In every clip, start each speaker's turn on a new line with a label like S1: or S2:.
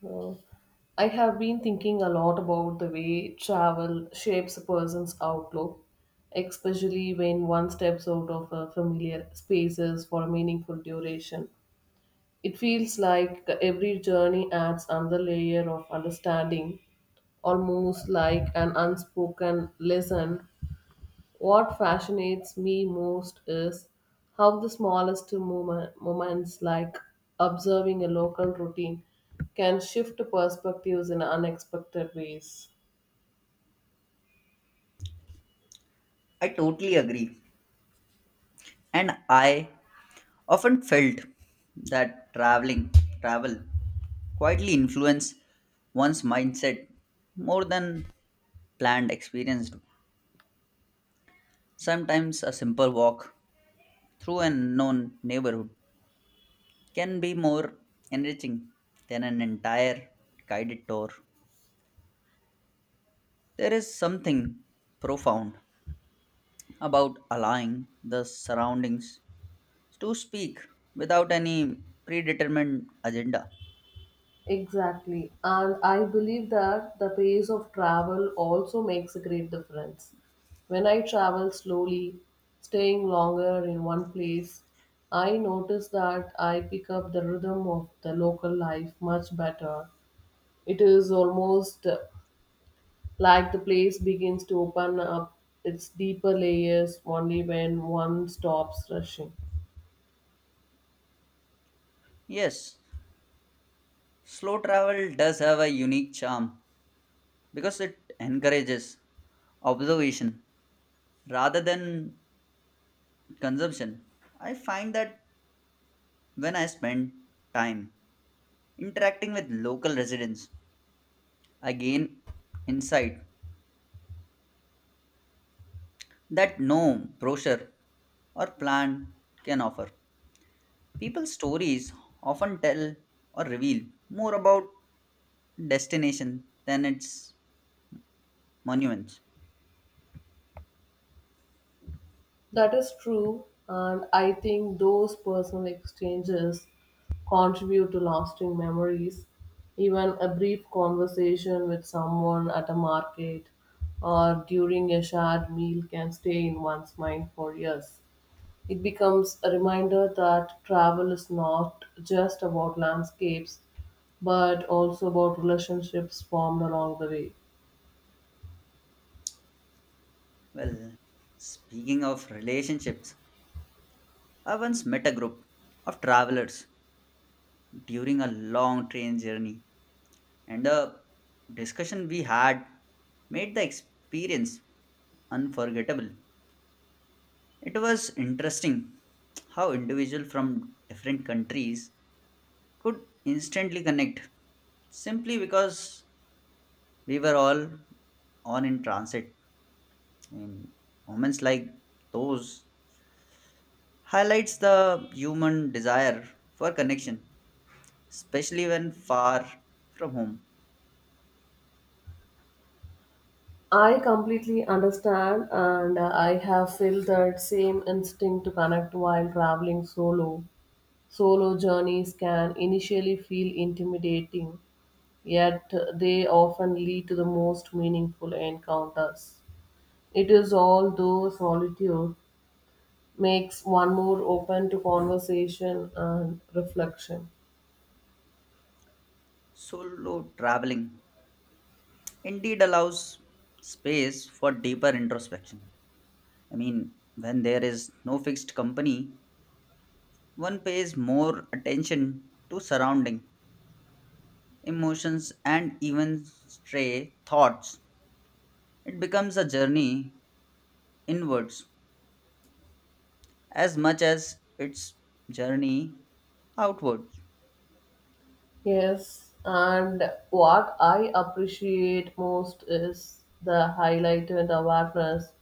S1: So, I have been thinking a lot about the way travel shapes a person's outlook, especially when one steps out of a familiar spaces for a meaningful duration. It feels like every journey adds another layer of understanding, almost like an unspoken lesson. What fascinates me most is how the smallest moments, like observing a local routine, can shift perspectives in unexpected ways.
S2: I totally agree. And I often felt that travel quietly influence one's mindset more than planned experience. Do. Sometimes a simple walk through an unknown neighborhood can be more enriching than an entire guided tour. There is something profound about allowing the surroundings to speak without any predetermined agenda.
S1: Exactly, and I believe that the pace of travel also makes a great difference. When I travel slowly, staying longer in one place, I notice that I pick up the rhythm of the local life much better. It is almost like the place begins to open up its deeper layers only when one stops rushing.
S2: Yes, slow travel does have a unique charm because it encourages observation rather than consumption. I find that when I spend time interacting with local residents, I gain insight that no brochure or plan can offer. People's stories often tell or reveal more about destination than its monuments.
S1: That is true, and I think those personal exchanges contribute to lasting memories. Even a brief conversation with someone at a market or during a shared meal can stay in one's mind for years. It becomes a reminder that travel is not just about landscapes, but also about relationships formed along the way.
S2: Well, speaking of relationships, I once met a group of travelers during a long train journey, and the discussion we had made the experience unforgettable. It was interesting how individuals from different countries could instantly connect simply because we were all on in transit. And moments like those highlights the human desire for connection, especially when far from home.
S1: I completely understand, and I have felt that same instinct to connect while traveling solo. Solo journeys can initially feel intimidating, yet they often lead to the most meaningful encounters. It is all though solitude makes one more open to conversation and reflection.
S2: Solo traveling indeed allows space for deeper introspection. I mean, when there is no fixed company, one pays more attention to surrounding emotions and even stray thoughts. It becomes a journey inwards as much as its journey outwards.
S1: Yes, and what I appreciate most is the highlighted awareness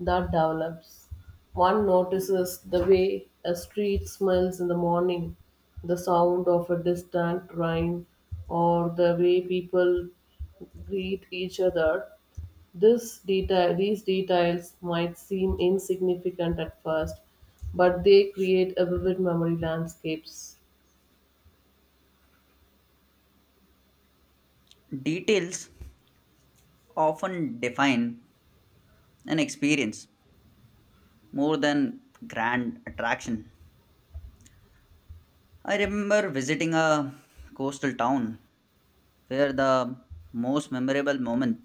S1: that develops. One notices the way a street smells in the morning, the sound of a distant train, or the way people greet each other. These details might seem insignificant at first, but they create a vivid memory landscapes.
S2: Details often define an experience, more than grand attraction. I remember visiting a coastal town where the most memorable moment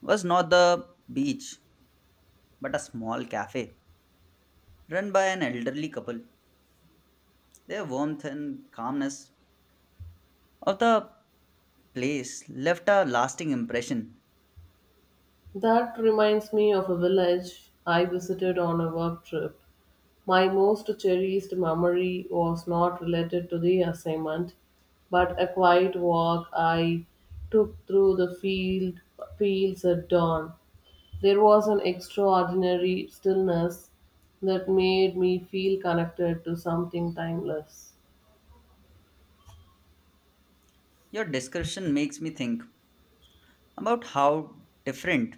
S2: was not the beach but a small cafe run by an elderly couple. Their warmth and calmness of the place left a lasting impression.
S1: That reminds me of a village I visited on a work trip. My most cherished memory was not related to the assignment, but a quiet walk I took through the fields at dawn. There was an extraordinary stillness that made me feel connected to something timeless.
S2: Your description makes me think about how different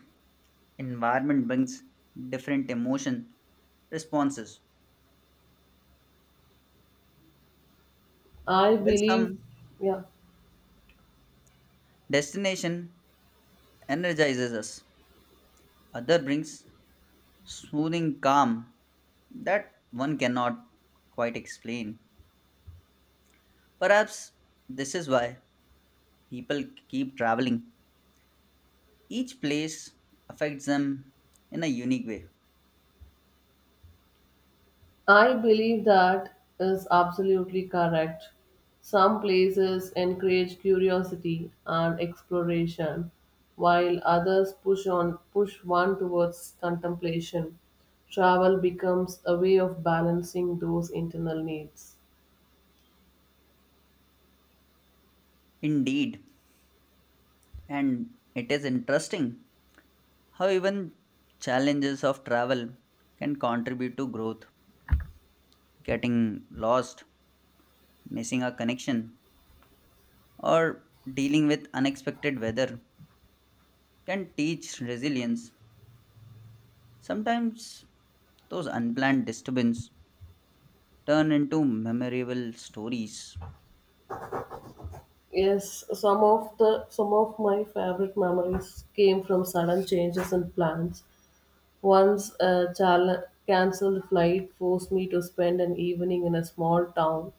S2: environment brings different emotion responses.
S1: I
S2: While
S1: believe,
S2: some
S1: yeah,
S2: destination energizes us. Other brings soothing calm that one cannot quite explain. Perhaps this is why people keep traveling. Each place affects them in a unique way.
S1: I believe that is absolutely correct. Some places encourage curiosity and exploration, while others push one towards contemplation. Travel becomes a way of balancing those internal needs.
S2: Indeed, and it is interesting how even challenges of travel can contribute to growth. Getting lost, missing a connection, or dealing with unexpected weather can teach resilience. Sometimes those unplanned disturbances turn into memorable stories.
S1: Yes, some of my favorite memories came from sudden changes in plans. Once a cancelled flight forced me to spend an evening in a small town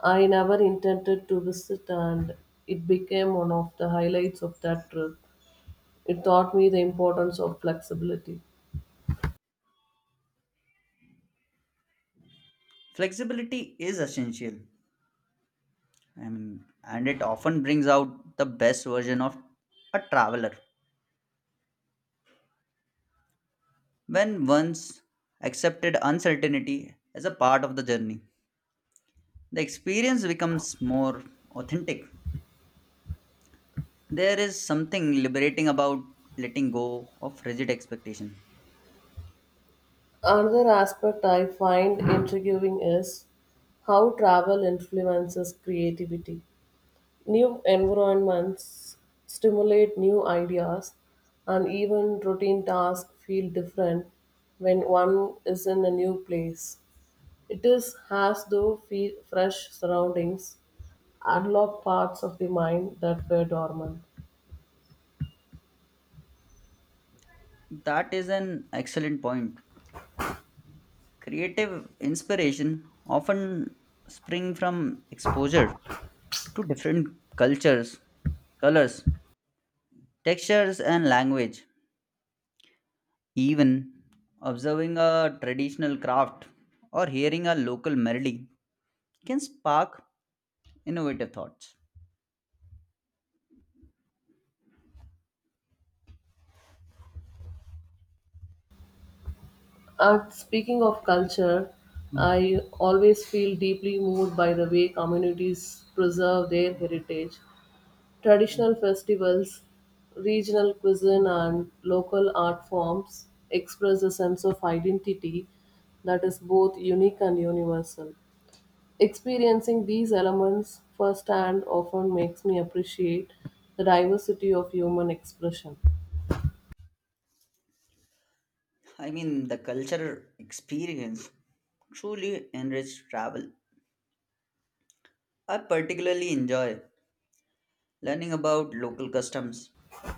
S1: I never intended to visit, and it became one of the highlights of that trip. It taught me the importance of flexibility.
S2: Flexibility is essential, I mean, and it often brings out the best version of a traveler. When once accepted uncertainty as a part of the journey, the experience becomes more authentic. There is something liberating about letting go of rigid expectation.
S1: Another aspect I find intriguing is how travel influences creativity. New environments stimulate new ideas, and even routine tasks feel different when one is in a new place. It is as though fresh surroundings unlock parts of the mind that were dormant.
S2: That is an excellent point. Creative inspiration often spring from exposure to different cultures, colors, textures and language. Even observing a traditional craft or hearing a local melody can spark innovative thoughts.
S1: And speaking of culture, I always feel deeply moved by the way communities preserve their heritage. Traditional festivals, regional cuisine, and local art forms express a sense of identity that is both unique and universal. Experiencing these elements firsthand often makes me appreciate the diversity of human expression.
S2: I mean, the cultural experience truly enrich travel. I particularly enjoy learning about local customs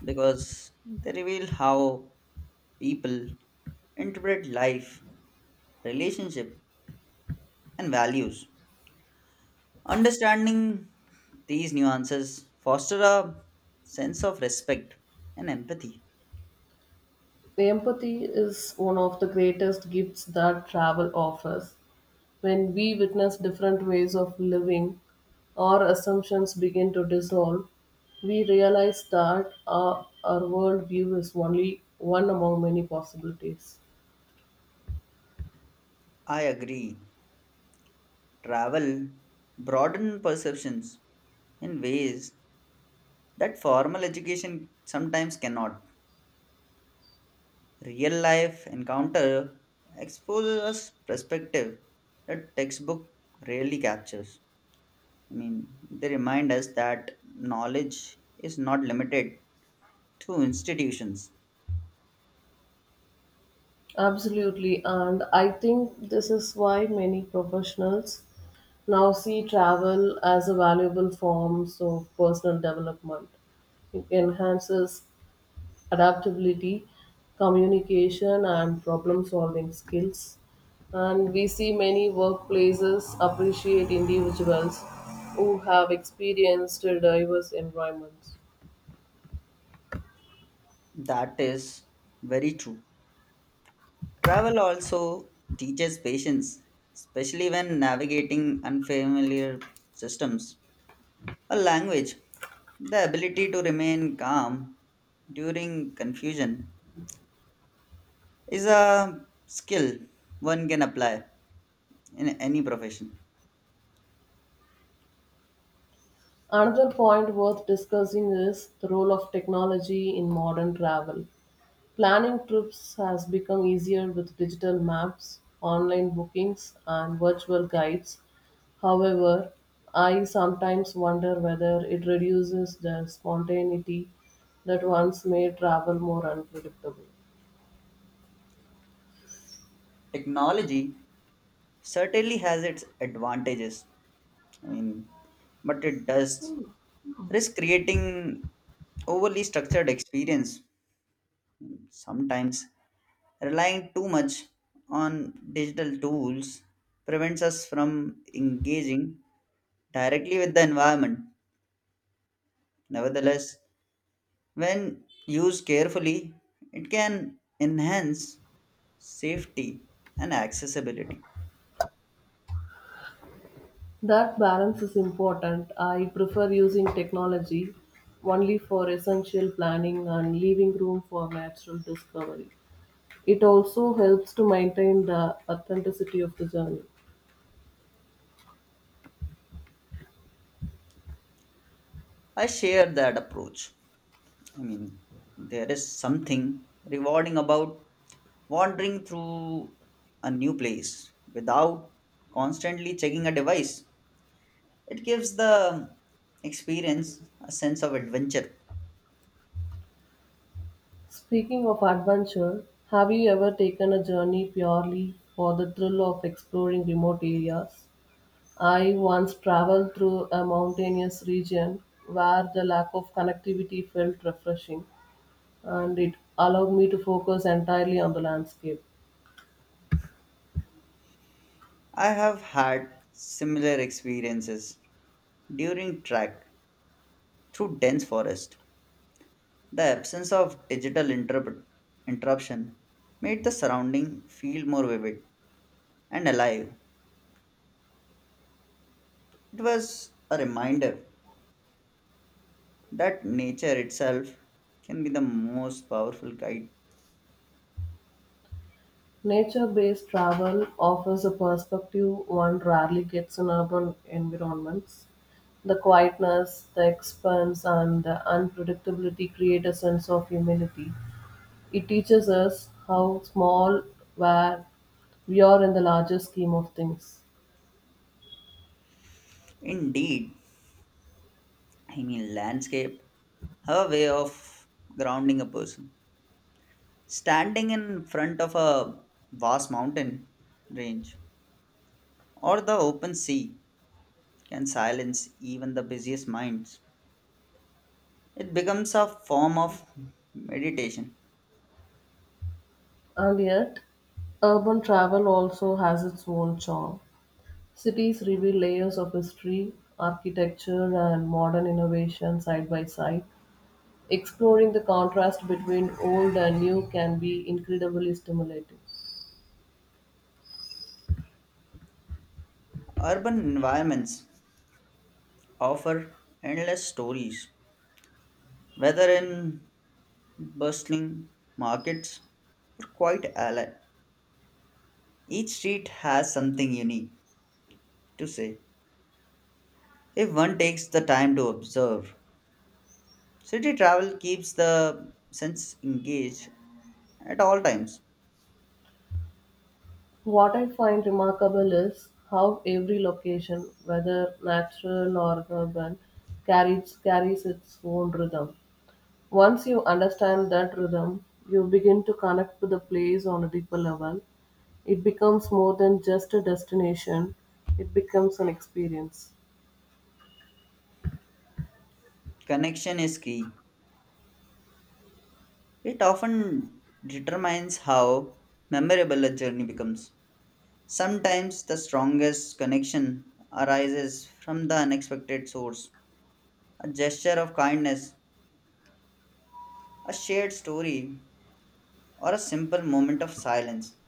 S2: because they reveal how people interpret life, relationship, and values. Understanding these nuances foster a sense of respect and empathy.
S1: Empathy is one of the greatest gifts that travel offers. When we witness different ways of living, our assumptions begin to dissolve. We realize that our worldview is only one among many possibilities.
S2: I agree. Travel broaden perceptions in ways that formal education sometimes cannot. Real life encounter exposes us perspective that textbook rarely captures. I mean, they remind us that knowledge is not limited to institutions.
S1: Absolutely, and I think this is why many professionals now see travel as a valuable form of personal development. It enhances adaptability, communication, and problem solving skills. And we see many workplaces appreciate individuals who have experienced diverse environments.
S2: That is very true. Travel also teaches patience, especially when navigating unfamiliar systems or language. The ability to remain calm during confusion is a skill one can apply in any profession.
S1: Another point worth discussing is the role of technology in modern travel. Planning trips has become easier with digital maps, online bookings, and virtual guides. However, I sometimes wonder whether it reduces the spontaneity that once made travel more unpredictable.
S2: Technology certainly has its advantages, I mean, but it does risk creating overly structured experience. Sometimes relying too much on digital tools prevents us from engaging directly with the environment. Nevertheless, when used carefully, it can enhance safety and accessibility.
S1: That balance is important. I prefer using technology only for essential planning and leaving room for natural discovery. It also helps to maintain the authenticity of the journey.
S2: I share that approach. I mean, there is something rewarding about wandering through a new place without constantly checking a device. It gives the experience a sense of adventure.
S1: Speaking of adventure, have you ever taken a journey purely for the thrill of exploring remote areas? I once traveled through a mountainous region where the lack of connectivity felt refreshing and it allowed me to focus entirely on the landscape.
S2: I have had similar experiences during trek through dense forest. The absence of digital interruption made the surrounding feel more vivid and alive. It was a reminder that nature itself can be the most powerful guide.
S1: Nature-based travel offers a perspective one rarely gets in urban environments. The quietness, the expanse, and the unpredictability create a sense of humility. It teaches us how small where we are in the larger scheme of things.
S2: Indeed, I mean, landscape have a way of grounding a person. Standing in front of a vast mountain range or the open sea can silence even the busiest minds. It becomes a form of meditation.
S1: And yet, urban travel also has its own charm. Cities reveal layers of history, architecture, and modern innovation side by side. Exploring the contrast between old and new can be incredibly stimulating.
S2: Urban environments offer endless stories, whether in bustling markets or quiet alley. Each street has something unique to say if one takes the time to observe. City travel keeps the sense engaged at all times.
S1: What I find remarkable is how every location, whether natural or urban, carries its own rhythm. Once you understand that rhythm, you begin to connect to the place on a deeper level. It becomes more than just a destination, it becomes an experience.
S2: Connection is key. It often determines how memorable a journey becomes. Sometimes the strongest connection arises from the unexpected source, a gesture of kindness, a shared story, or a simple moment of silence.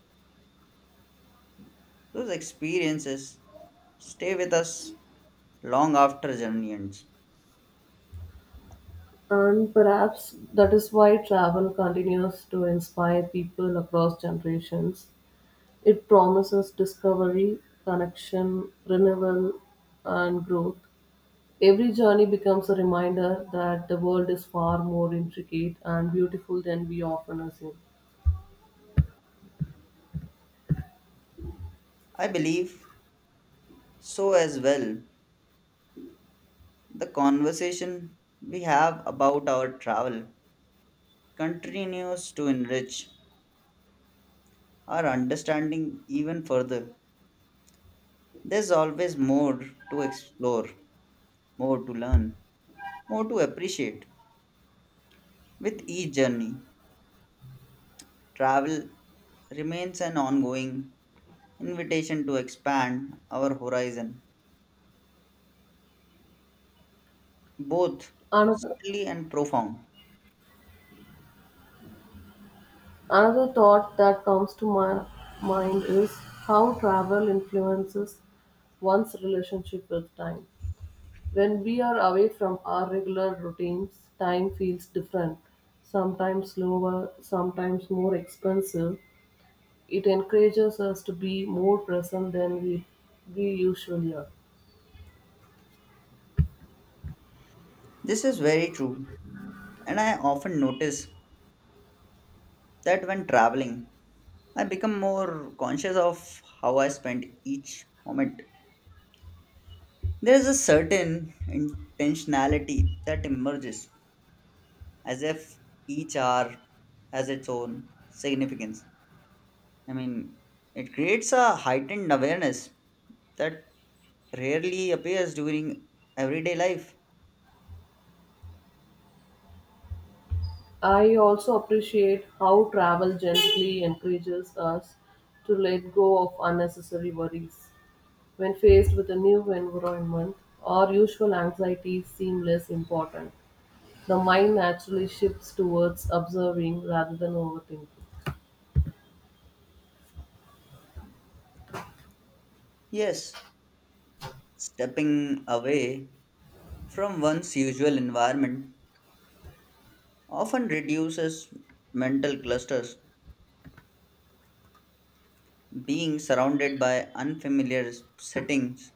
S2: Those experiences stay with us long after journey ends.
S1: And perhaps that is why travel continues to inspire people across generations. It promises discovery, connection, renewal, and growth. Every journey becomes a reminder that the world is far more intricate and beautiful than we often assume.
S2: I believe so as well. The conversation we have about our travel continues to enrich our understanding even further. There's always more to explore, more to learn, more to appreciate. With each journey, travel remains an ongoing invitation to expand our horizon, both
S1: Another,
S2: subtly and profound.
S1: another thought that comes to my mind is how travel influences one's relationship with time. When we are away from our regular routines, time feels different, sometimes slower, sometimes more expensive. It encourages us to be more present than we usually are.
S2: This is very true, and I often notice that when traveling, I become more conscious of how I spend each moment. There is a certain intentionality that emerges, as if each hour has its own significance. I mean, it creates a heightened awareness that rarely appears during everyday life.
S1: I also appreciate how travel gently encourages us to let go of unnecessary worries. When faced with a new environment, our usual anxieties seem less important. The mind naturally shifts towards observing rather than overthinking.
S2: Yes, stepping away from one's usual environment often reduces mental clusters. Being surrounded by unfamiliar settings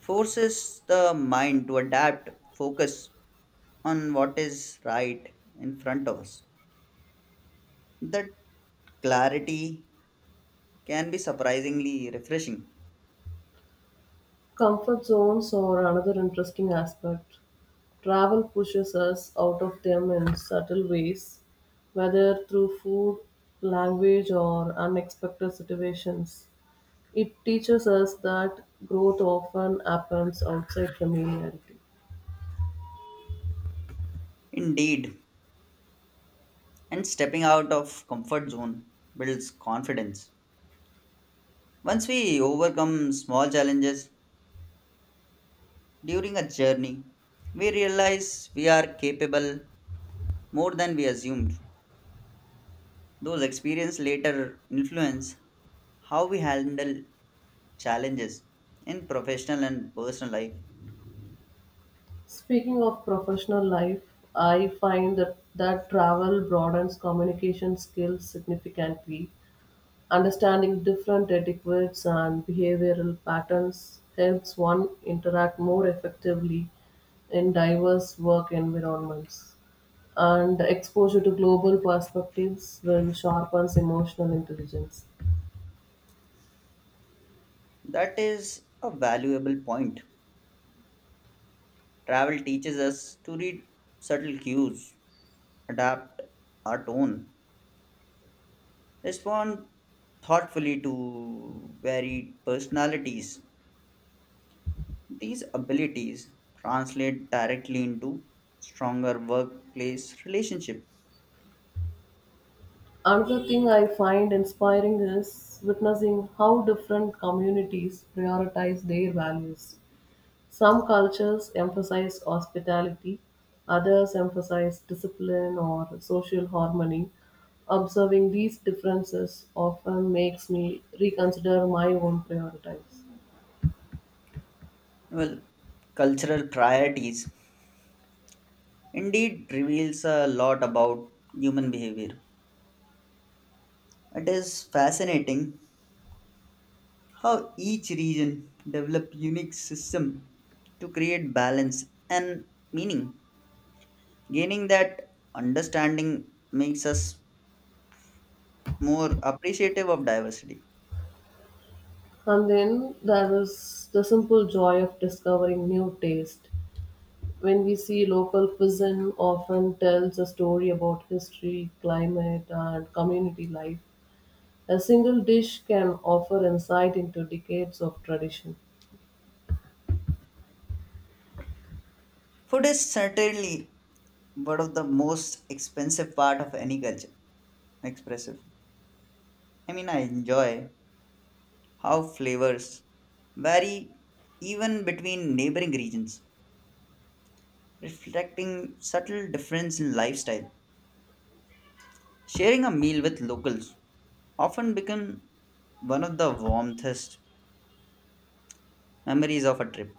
S2: forces the mind to adapt, focus on what is right in front of us. That clarity can be surprisingly refreshing.
S1: Comfort zones are another interesting aspect. Travel pushes us out of them in subtle ways, whether through food, language, or unexpected situations. It teaches us that growth often happens outside familiarity.
S2: Indeed, and stepping out of comfort zone builds confidence. Once we overcome small challenges during a journey, we realize we are capable more than we assumed. Those experiences later influence how we handle challenges in professional and personal life.
S1: Speaking of professional life, I find that travel broadens communication skills significantly. Understanding different etiquettes and behavioral patterns helps one interact more effectively in diverse work environments. And exposure to global perspectives will sharpen emotional intelligence.
S2: That is a valuable point. Travel teaches us to read subtle cues, adapt our tone, respond thoughtfully to varied personalities. These abilities translate directly into stronger workplace relationship.
S1: Another thing I find inspiring is witnessing how different communities prioritize their values. Some cultures emphasize hospitality, others emphasize discipline or social harmony. Observing these differences often makes me reconsider my own priorities.
S2: Well, cultural priorities indeed reveals a lot about human behavior. It is fascinating how each region developed unique system to create balance and meaning. Gaining that understanding makes us more appreciative of diversity.
S1: And then there is the simple joy of discovering new taste. When we see local cuisine often tells a story about history, climate, and community life. A single dish can offer insight into decades of tradition.
S2: Food is certainly one of the most expensive part of any culture. Expressive. I mean, I enjoy how flavors vary even between neighboring regions reflecting subtle difference in lifestyle. Sharing a meal with locals often become one of the warmest memories of a trip.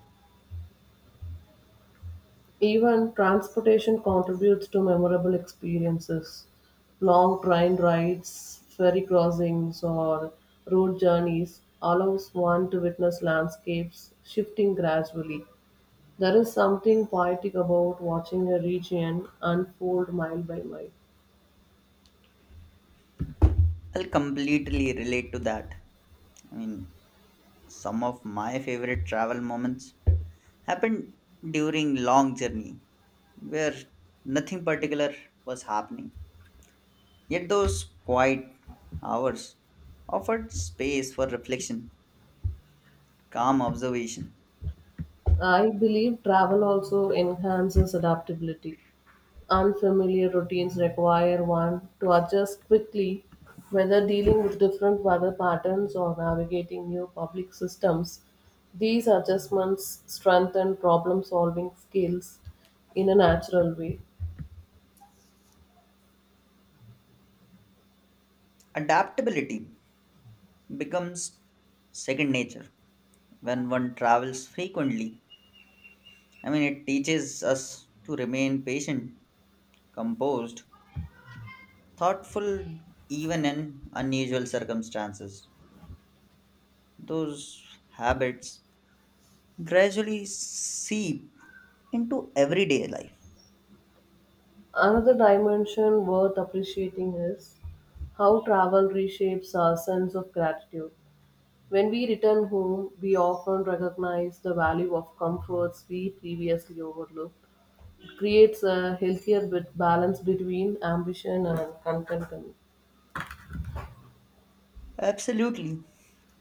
S1: Even transportation contributes to memorable experiences. Long train rides, ferry crossings, or road journeys allows one to witness landscapes shifting gradually. There is something poetic about watching a region unfold mile by mile.
S2: I'll completely relate to that. I mean, some of my favorite travel moments happened during long journey where nothing particular was happening. Yet those quiet hours offered space for reflection, calm observation,
S1: I believe travel also enhances adaptability. Unfamiliar routines require one to adjust quickly, whether dealing with different weather patterns or navigating new public systems. These adjustments strengthen problem solving skills in a natural way.
S2: adaptability, becomes second nature when one travels frequently. I mean, it teaches us to remain patient, composed, thoughtful, even in unusual circumstances. Those habits gradually seep into everyday life.
S1: Another dimension worth appreciating is how travel reshapes our sense of gratitude. When we return home, we often recognize the value of comforts we previously overlooked. It creates a healthier bit balance between ambition and contentment.
S2: Absolutely.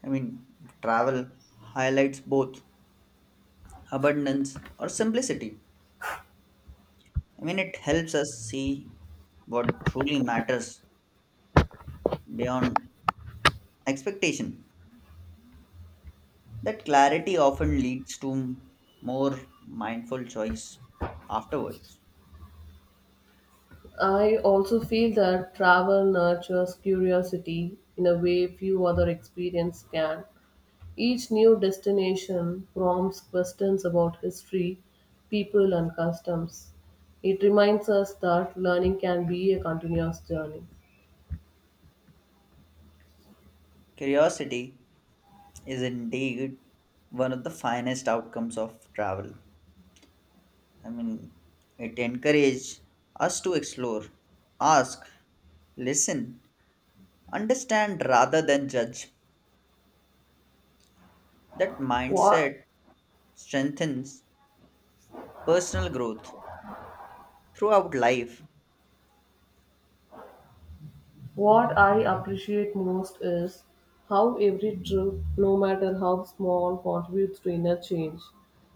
S2: I mean, travel highlights both abundance or simplicity. I mean, it helps us see what truly matters beyond expectation. That clarity often leads to more mindful choice afterwards.
S1: I also feel that travel nurtures curiosity in a way few other experiences can. Each new destination prompts questions about history, people, and customs. It reminds us that learning can be a continuous journey.
S2: Curiosity is indeed one of the finest outcomes of travel. I mean, it encourages us to explore, ask, listen, understand rather than judge. That
S1: What
S2: mindset strengthens personal growth throughout life.
S1: What I appreciate most is how every trip, no matter how small, contributes to inner change.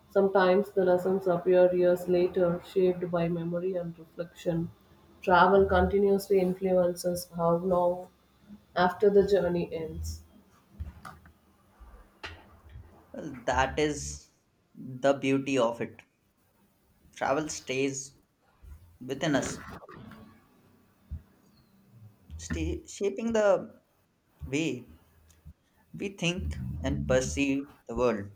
S1: Sometimes the lessons appear years later, shaped by memory and reflection. Travel continuously influences how long after the journey ends.
S2: Well, that is the beauty of it. Travel stays within us, shaping the way we think and perceive the world.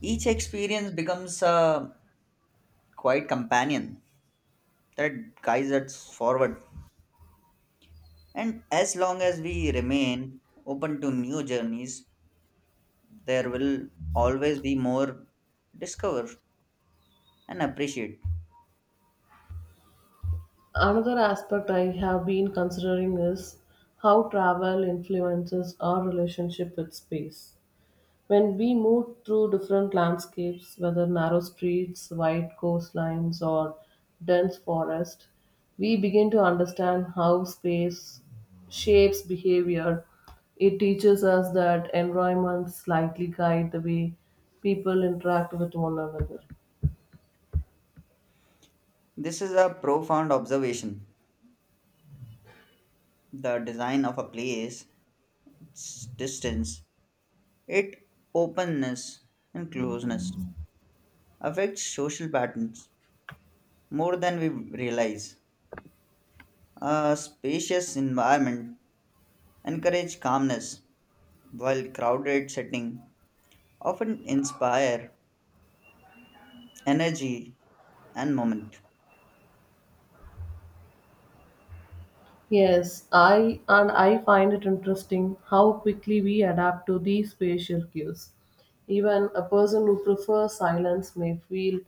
S2: Each experience becomes a quiet companion that guides us forward. And as long as we remain open to new journeys, there will always be more discover and appreciate.
S1: Another aspect I have been considering is how travel influences our relationship with space. When we moved through different landscapes, whether narrow streets, wide coastlines, or dense forest, we begin to understand how space shapes behavior. It teaches us that environments slightly guide the way people interact with one another.
S2: This is a profound observation. The design of a place, its distance, its openness and closeness affects social patterns more than we realize. A spacious environment encourage calmness, while crowded setting often inspire energy and moment.
S1: Yes, I and I find it interesting how quickly we adapt to these spatial cues. Even a person who prefers silence may feel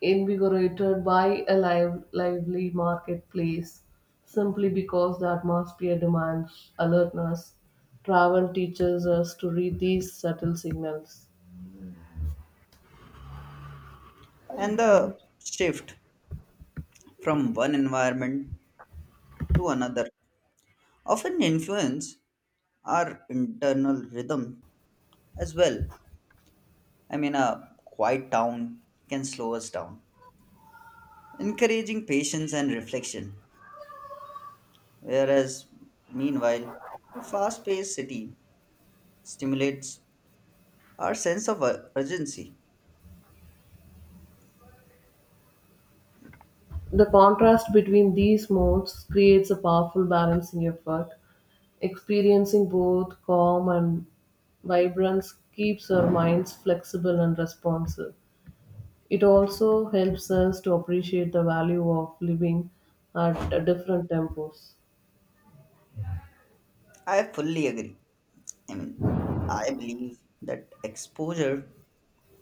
S1: invigorated by a lively marketplace simply because the atmosphere demands alertness. Travel teaches us to read these subtle signals.
S2: And the shift from one environment to another often influence our internal rhythm as well. I mean, a quiet town can slow us down, encouraging patience and reflection. Whereas, meanwhile, a fast paced city stimulates our sense of urgency.
S1: The contrast between these modes creates a powerful balancing effort. Experiencing both calm and vibrance keeps our minds flexible and responsive. It also helps us to appreciate the value of living at different tempos.
S2: I fully agree. I mean, I believe that exposure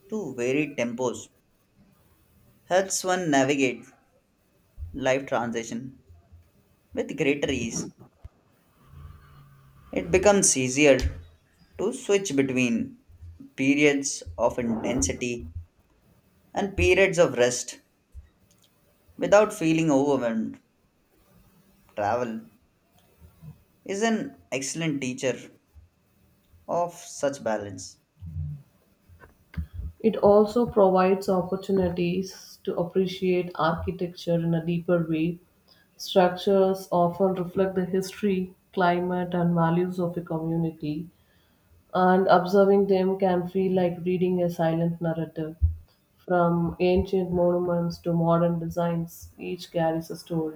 S2: to varied tempos helps one navigate life transition with greater ease. It becomes easier to switch between periods of intensity and periods of rest without feeling overwhelmed. Travel is an excellent teacher of such balance.
S1: It also provides opportunities to appreciate architecture in a deeper way. Structures often reflect the history, climate, and values of a community, and observing them can feel like reading a silent narrative. From ancient monuments to modern designs, each carries a story.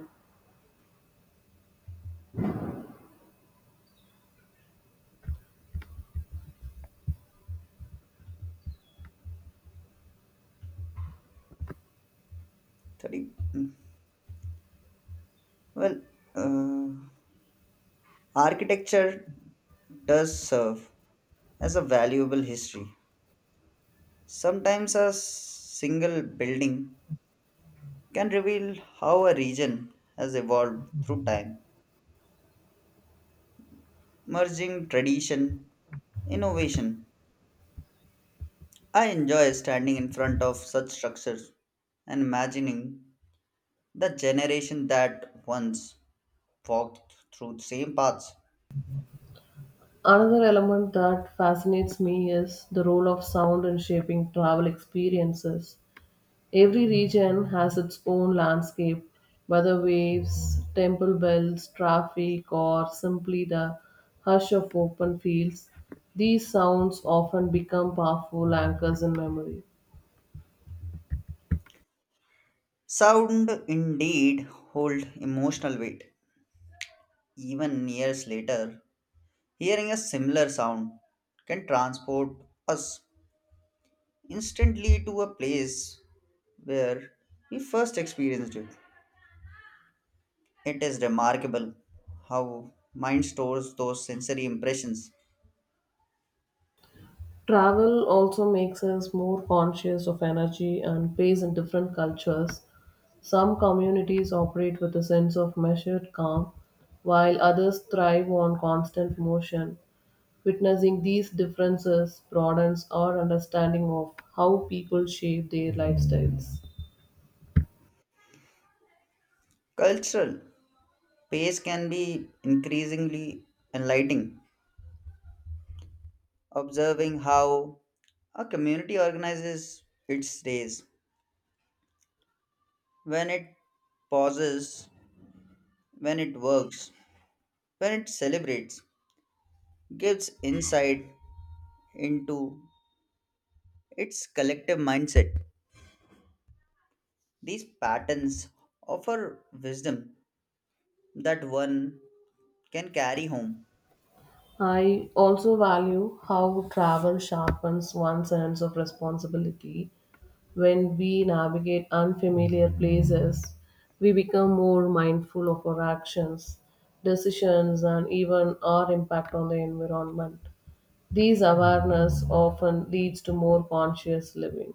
S2: Thirty. mm, Well, uh, architecture does serve as a valuable history. Sometimes a single building can reveal how a region has evolved through time, merging tradition, innovation. I enjoy standing in front of such structures and imagining the generation that once walked through the same paths.
S1: Another element that fascinates me is the role of sound in shaping travel experiences. Every region has its own landscape, weather waves, temple bells, traffic, or simply the hush of open fields. These sounds often become powerful anchors in memory.
S2: Sound indeed hold emotional weight. Even years later, hearing a similar sound can transport us instantly to a place where we first experienced it. It is remarkable how mind stores those sensory impressions.
S1: Travel also makes us more conscious of energy and pace in different cultures. Some communities operate with a sense of measured calm, while others thrive on constant motion. Witnessing these differences broadens our understanding of how people shape their lifestyles.
S2: Cultural pace can be increasingly enlightening. Observing how a community organizes its days, when it pauses, when it works, when it celebrates, gives insight into its collective mindset. These patterns offer wisdom that one can carry home.
S1: I also value how travel sharpens one's sense of responsibility. When we navigate unfamiliar places, we become more mindful of our actions, decisions, and even our impact on the environment. This awareness often leads to more conscious living.